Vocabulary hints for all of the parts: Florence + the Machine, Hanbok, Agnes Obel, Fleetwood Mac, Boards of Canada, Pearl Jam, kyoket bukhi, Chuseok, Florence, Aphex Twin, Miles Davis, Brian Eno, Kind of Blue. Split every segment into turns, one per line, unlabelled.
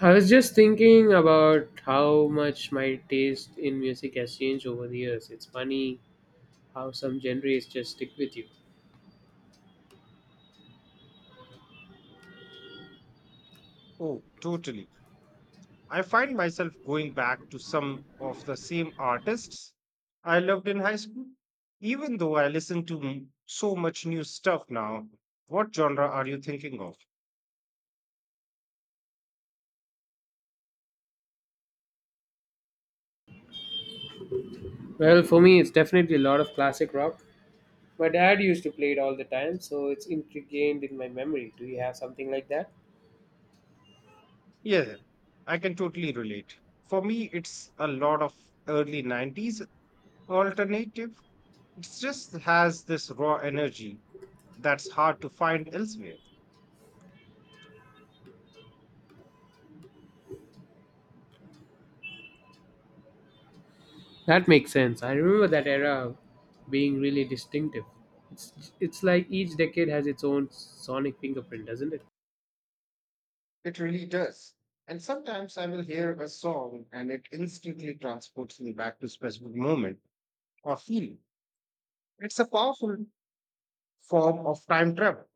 I was just thinking about how much my taste in music has changed over the years. It's funny how some genres just stick with you.
Oh, totally. I find myself going back to some of the same artists I loved in high school, even though I listen to so much new stuff now. What genre are you thinking of?
Well, for me, it's definitely a lot of classic rock. My dad used to play it all the time, so it's ingrained in my memory. Do you have something like that?
Yeah, I can totally relate. For me, it's a lot of early 90s alternative. It just has this raw energy that's hard to find elsewhere.
That makes sense. I remember that era being really distinctive. It's like each decade has its own sonic fingerprint, doesn't it?
It really does. And sometimes I will hear a song and it instantly transports me back to specific moments or feel. It's a powerful form of time travel.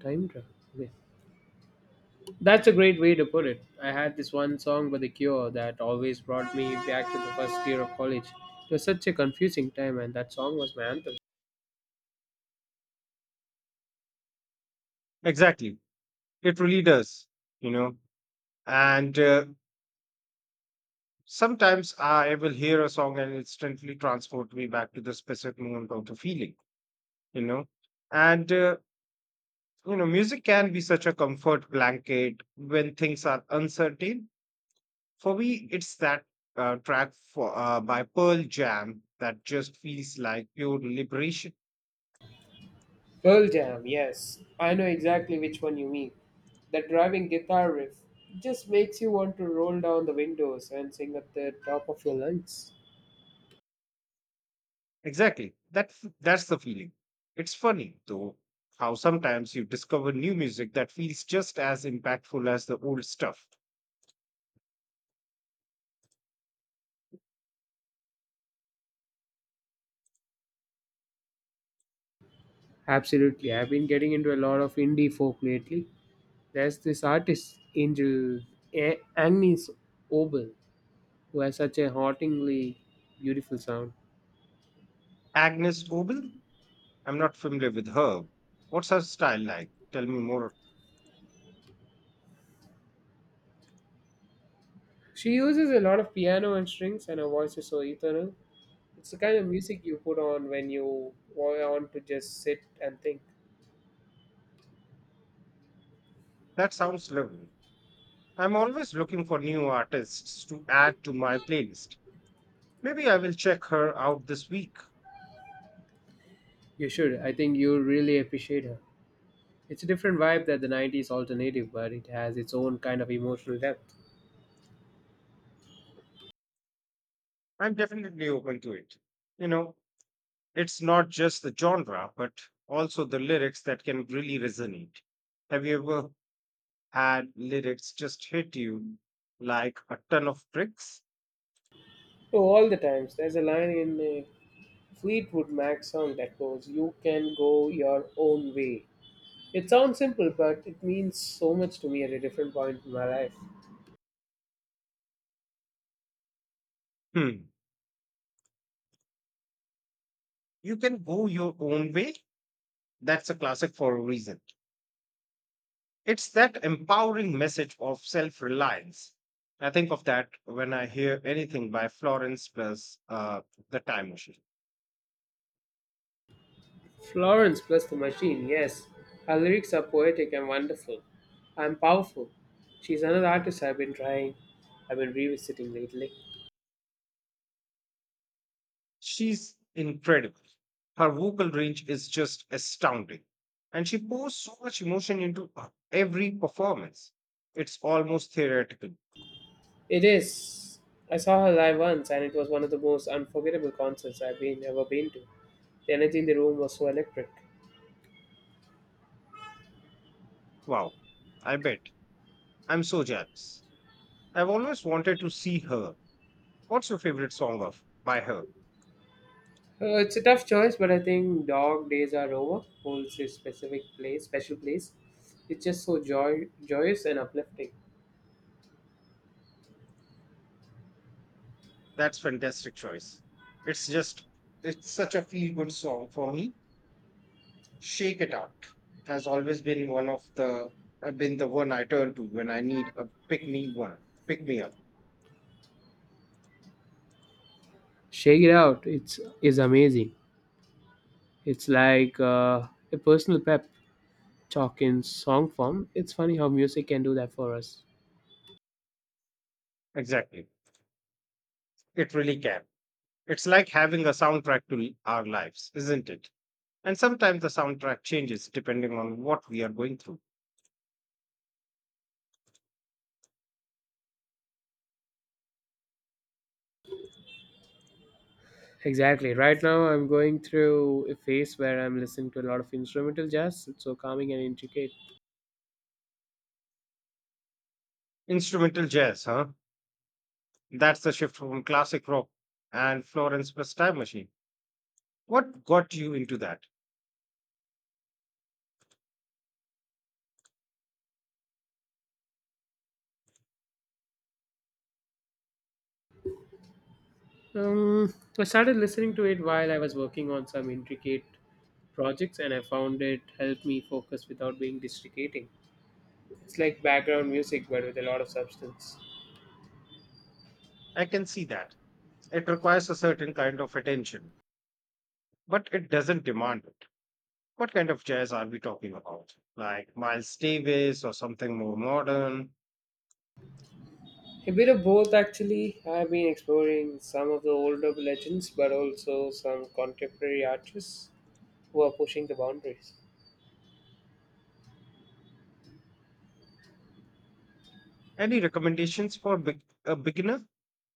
Time travel. Yeah. That's a great way to put it. I had this one song by The Cure that always brought me back to the first year of college. It was such a confusing time, and that song was my anthem.
Exactly. It really does, you know. And Sometimes I will hear a song and instantly transport me back to the specific moment of the feeling, you know. And, uh, Music can be such a comfort blanket when things are uncertain. For me, it's that track by Pearl Jam that just feels like pure liberation.
Pearl Jam, yes. I know exactly which one you mean. The driving guitar riff just makes you want to roll down the windows and sing at the top of your lungs.
Exactly. That's the feeling. It's funny though how sometimes you discover new music that feels just as impactful as the old stuff.
Absolutely. I've been getting into a lot of indie folk lately. There's this artist, Agnes Obel, who has such a hauntingly beautiful sound.
Agnes Obel? I'm not familiar with her. What's her style like? Tell me more.
She uses a lot of piano and strings, and her voice is so eternal. It's the kind of music you put on when you want to just sit and think.
That sounds lovely. I'm always looking for new artists to add to my playlist. Maybe I will check her out this week.
You should. I think you really appreciate her. It's a different vibe that the 90s alternative, but it has its own kind of emotional depth.
I'm definitely open to it. You know, it's not just the genre, but also the lyrics that can really resonate. Have you ever had lyrics just hit you like a ton of bricks?
Oh, all the times. There's a line in a Fleetwood Mac song that goes, You can go your own way. It sounds simple, but it means so much to me at a different point in my life.
Hmm. You can go your own way. That's a classic for a reason. It's that empowering message of self reliance. I think of that when I hear anything by Florence plus The Time Machine.
Florence plus the machine, yes. Her lyrics are poetic and wonderful. I'm powerful. She's another artist I've been trying. I've been revisiting lately.
She's incredible. Her vocal range is just astounding. And she pours so much emotion into every performance. It's almost theoretical.
It is. I saw her live once and it was one of the most unforgettable concerts I've been ever been to. The energy in the room was so electric.
Wow. I bet. I'm so jealous. I've always wanted to see her. What's your favorite song of by her?
It's a tough choice, but I think Dog Days Are Over holds a special place. It's just so joyous and uplifting.
That's fantastic choice. It's just it's such a feel good song for me. Shake It Out has always been one of the been the one I turn to when I need a pick me up.
Shake It Out, it's is amazing. It's like a personal pep talk in song form. It's funny how music can do that for us.
Exactly. It really can. It's like having a soundtrack to our lives, isn't it? And sometimes the soundtrack changes depending on what we are going through.
Exactly. Right now, I'm going through a phase where I'm listening to a lot of instrumental jazz. It's so calming and intricate.
Instrumental jazz, huh? That's the shift from classic rock and Florence Plus Time Machine. What got you into that?
I started listening to it while I was working on some intricate projects, and I found it helped me focus without being distracting. It's like background music, but with a lot of substance.
I can see that. It requires a certain kind of attention, but it doesn't demand it. What kind of jazz are we talking about? Like Miles Davis or something more modern?
A bit of both, actually. I've been exploring some of the older legends, but also some contemporary artists who are pushing the boundaries.
Any recommendations for a beginner?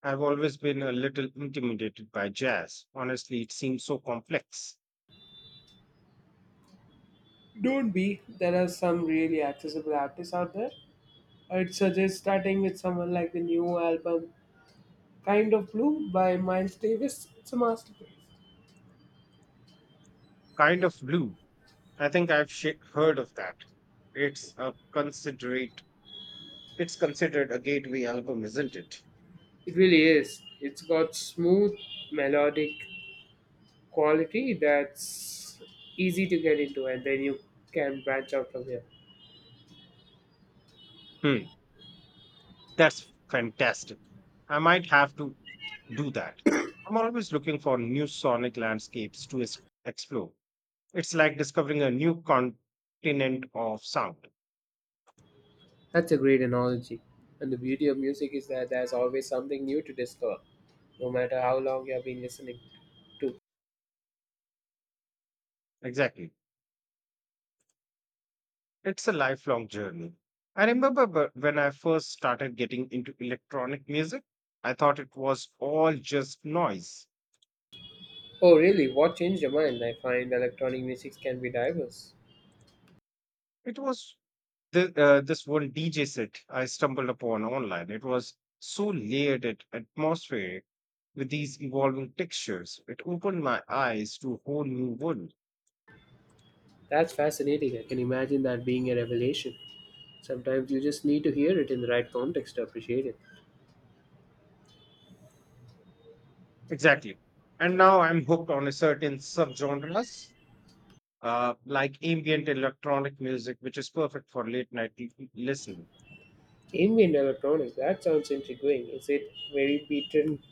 I've always been a little intimidated by jazz. Honestly, it seems so complex.
Don't be. There are some really accessible artists out there. I'd suggest starting with someone like the new album Kind of Blue by Miles Davis. It's a masterpiece.
Kind of blue. I think I've heard of that. It's a considerate. It's considered a gateway album, isn't it?
It really is. It's got smooth, melodic quality that's easy to get into, and then you can branch out from here.
Hmm. That's fantastic. I might have to do that. I'm always looking for new sonic landscapes to explore. It's like discovering a new continent of sound.
That's a great analogy. And the beauty of music is that there's always something new to discover, no matter how long you have been listening to.
Exactly. It's a lifelong journey. I remember when I first started getting into electronic music, I thought it was all just noise.
Oh, really? What changed your mind? I find electronic music can be diverse.
It was this one DJ set I stumbled upon online. It was so layered and atmospheric with these evolving textures. It opened my eyes to a whole new world.
That's fascinating. I can imagine that being a revelation. Sometimes you just need to hear it in the right context to appreciate it.
Exactly. And now I'm hooked on a certain subgenres, like ambient electronic music, which is perfect for late night listening.
Ambient electronic, that sounds intriguing. Is it very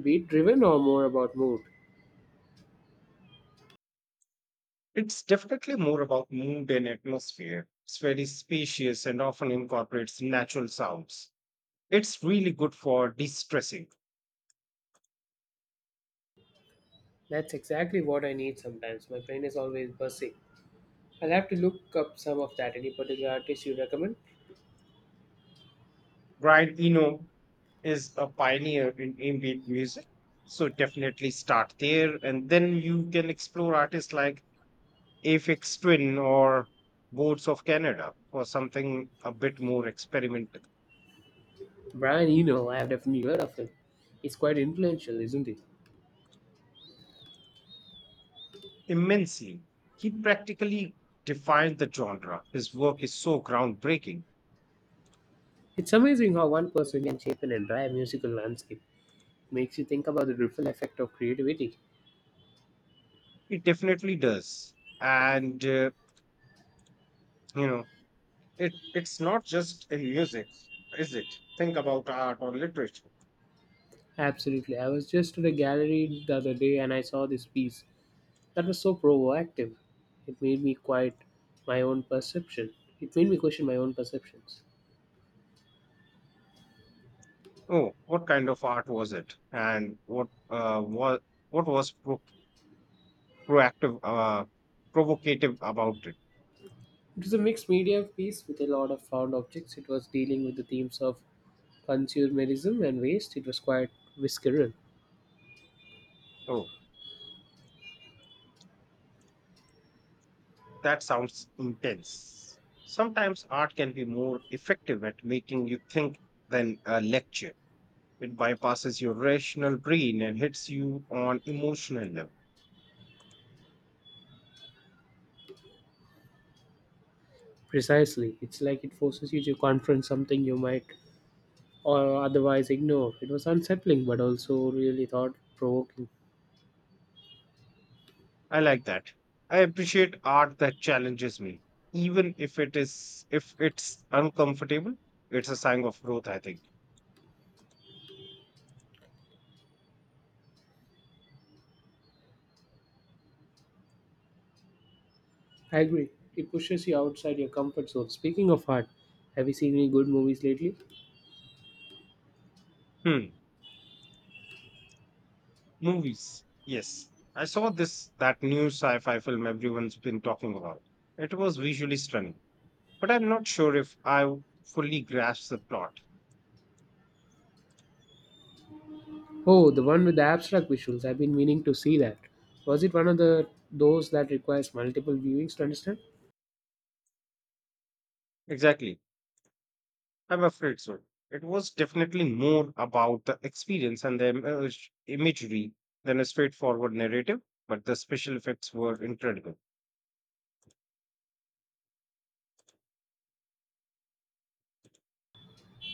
beat driven or more about mood?
It's definitely more about mood and atmosphere. It's very spacious and often incorporates natural sounds. It's really good for de stressing.
That's exactly what I need sometimes. My brain is always buzzing. I'll have to look up some of that. Any particular artist you recommend?
Brian Eno is a pioneer in ambient music. So definitely start there. And then you can explore artists like Aphex Twin or Boards of Canada or something a bit more experimental.
Brian Eno, I have definitely heard of him. He's quite influential, isn't he?
Immensely. He practically defined the genre. His work is so groundbreaking.
It's amazing how one person can shape an entire musical landscape. Makes you think about the ripple effect of creativity.
It definitely does. And, you know, it's not just in music, is it? Think about art or literature.
Absolutely. I was just at a gallery the other day and I saw this piece that was so provocative. It made me quite my own perception. It made me question my own perceptions.
Oh, what kind of art was it? And what was proactive, uh, provocative about it?
It was a mixed media piece with a lot of found objects. It was dealing with the themes of consumerism and waste. It was quite visceral.
Oh, that sounds intense. Sometimes art can be more effective at making you think than a lecture. It bypasses your rational brain and hits you on emotional level.
Precisely. It's like it forces you to confront something you might or otherwise ignore. It was unsettling but also really thought provoking.
I like that. I appreciate art that challenges me, even if it's uncomfortable. It's a sign of growth, I think.
I agree. It pushes you outside your comfort zone. Speaking of art, have you seen any good movies lately?
Hmm. Movies. Yes. I saw this that new sci-fi film everyone's been talking about. It was visually stunning, but I'm not sure if I fully grasped the plot.
Oh, the one with the abstract visuals. I've been meaning to see that. Was it one of the those that requires multiple viewings to understand?
Exactly. I'm afraid so. It was definitely more about the experience and the imagery than a straightforward narrative, but the special effects were incredible.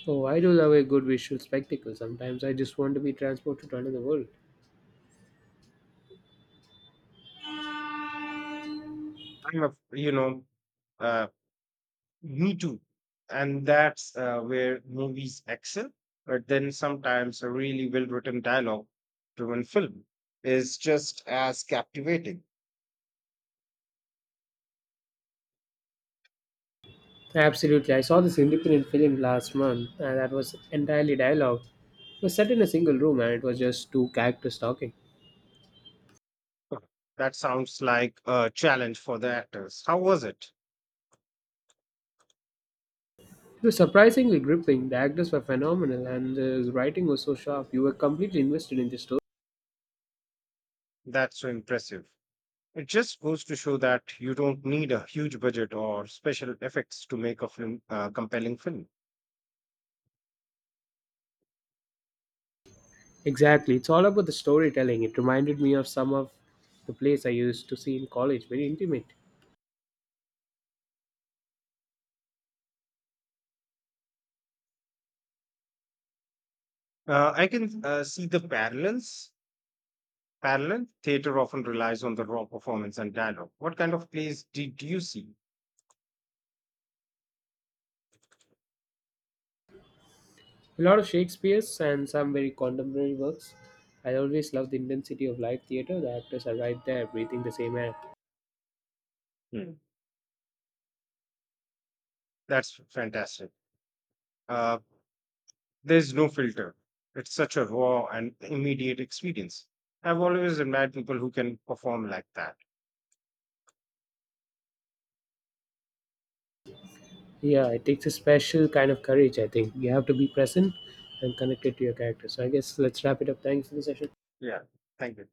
Oh, I do love a good visual spectacle. Sometimes I just want to be transported to another world.
I'm a, you know, uh, You too. And that's where movies excel. But then sometimes a really well written dialogue driven film is just as captivating.
Absolutely. I saw this independent film last month and that was entirely dialogue. It was set in a single room and it was just two characters talking.
Huh, that sounds like a challenge for the actors. How was it?
It was surprisingly gripping. The actors were phenomenal, and the writing was so sharp. You were completely invested in the story.
That's so impressive. It just goes to show that you don't need a huge budget or special effects to make compelling film.
Exactly. It's all about the storytelling. It reminded me of some of the plays I used to see in college, very intimate.
I can see the parallels. Theater often relies on the raw performance and dialogue. What kind of plays did you see?
A lot of Shakespeare's and some very contemporary works. I always love the intensity of live theatre. The actors are right there, breathing the same air.
Hmm, that's fantastic. Uh, there's no filter. It's such a raw and immediate experience. I've always admired people who can perform like that.
Yeah, it takes a special kind of courage, I think. You have to be present and connected to your character. So I guess let's wrap it up. Thanks for the session.
Yeah. Thank you.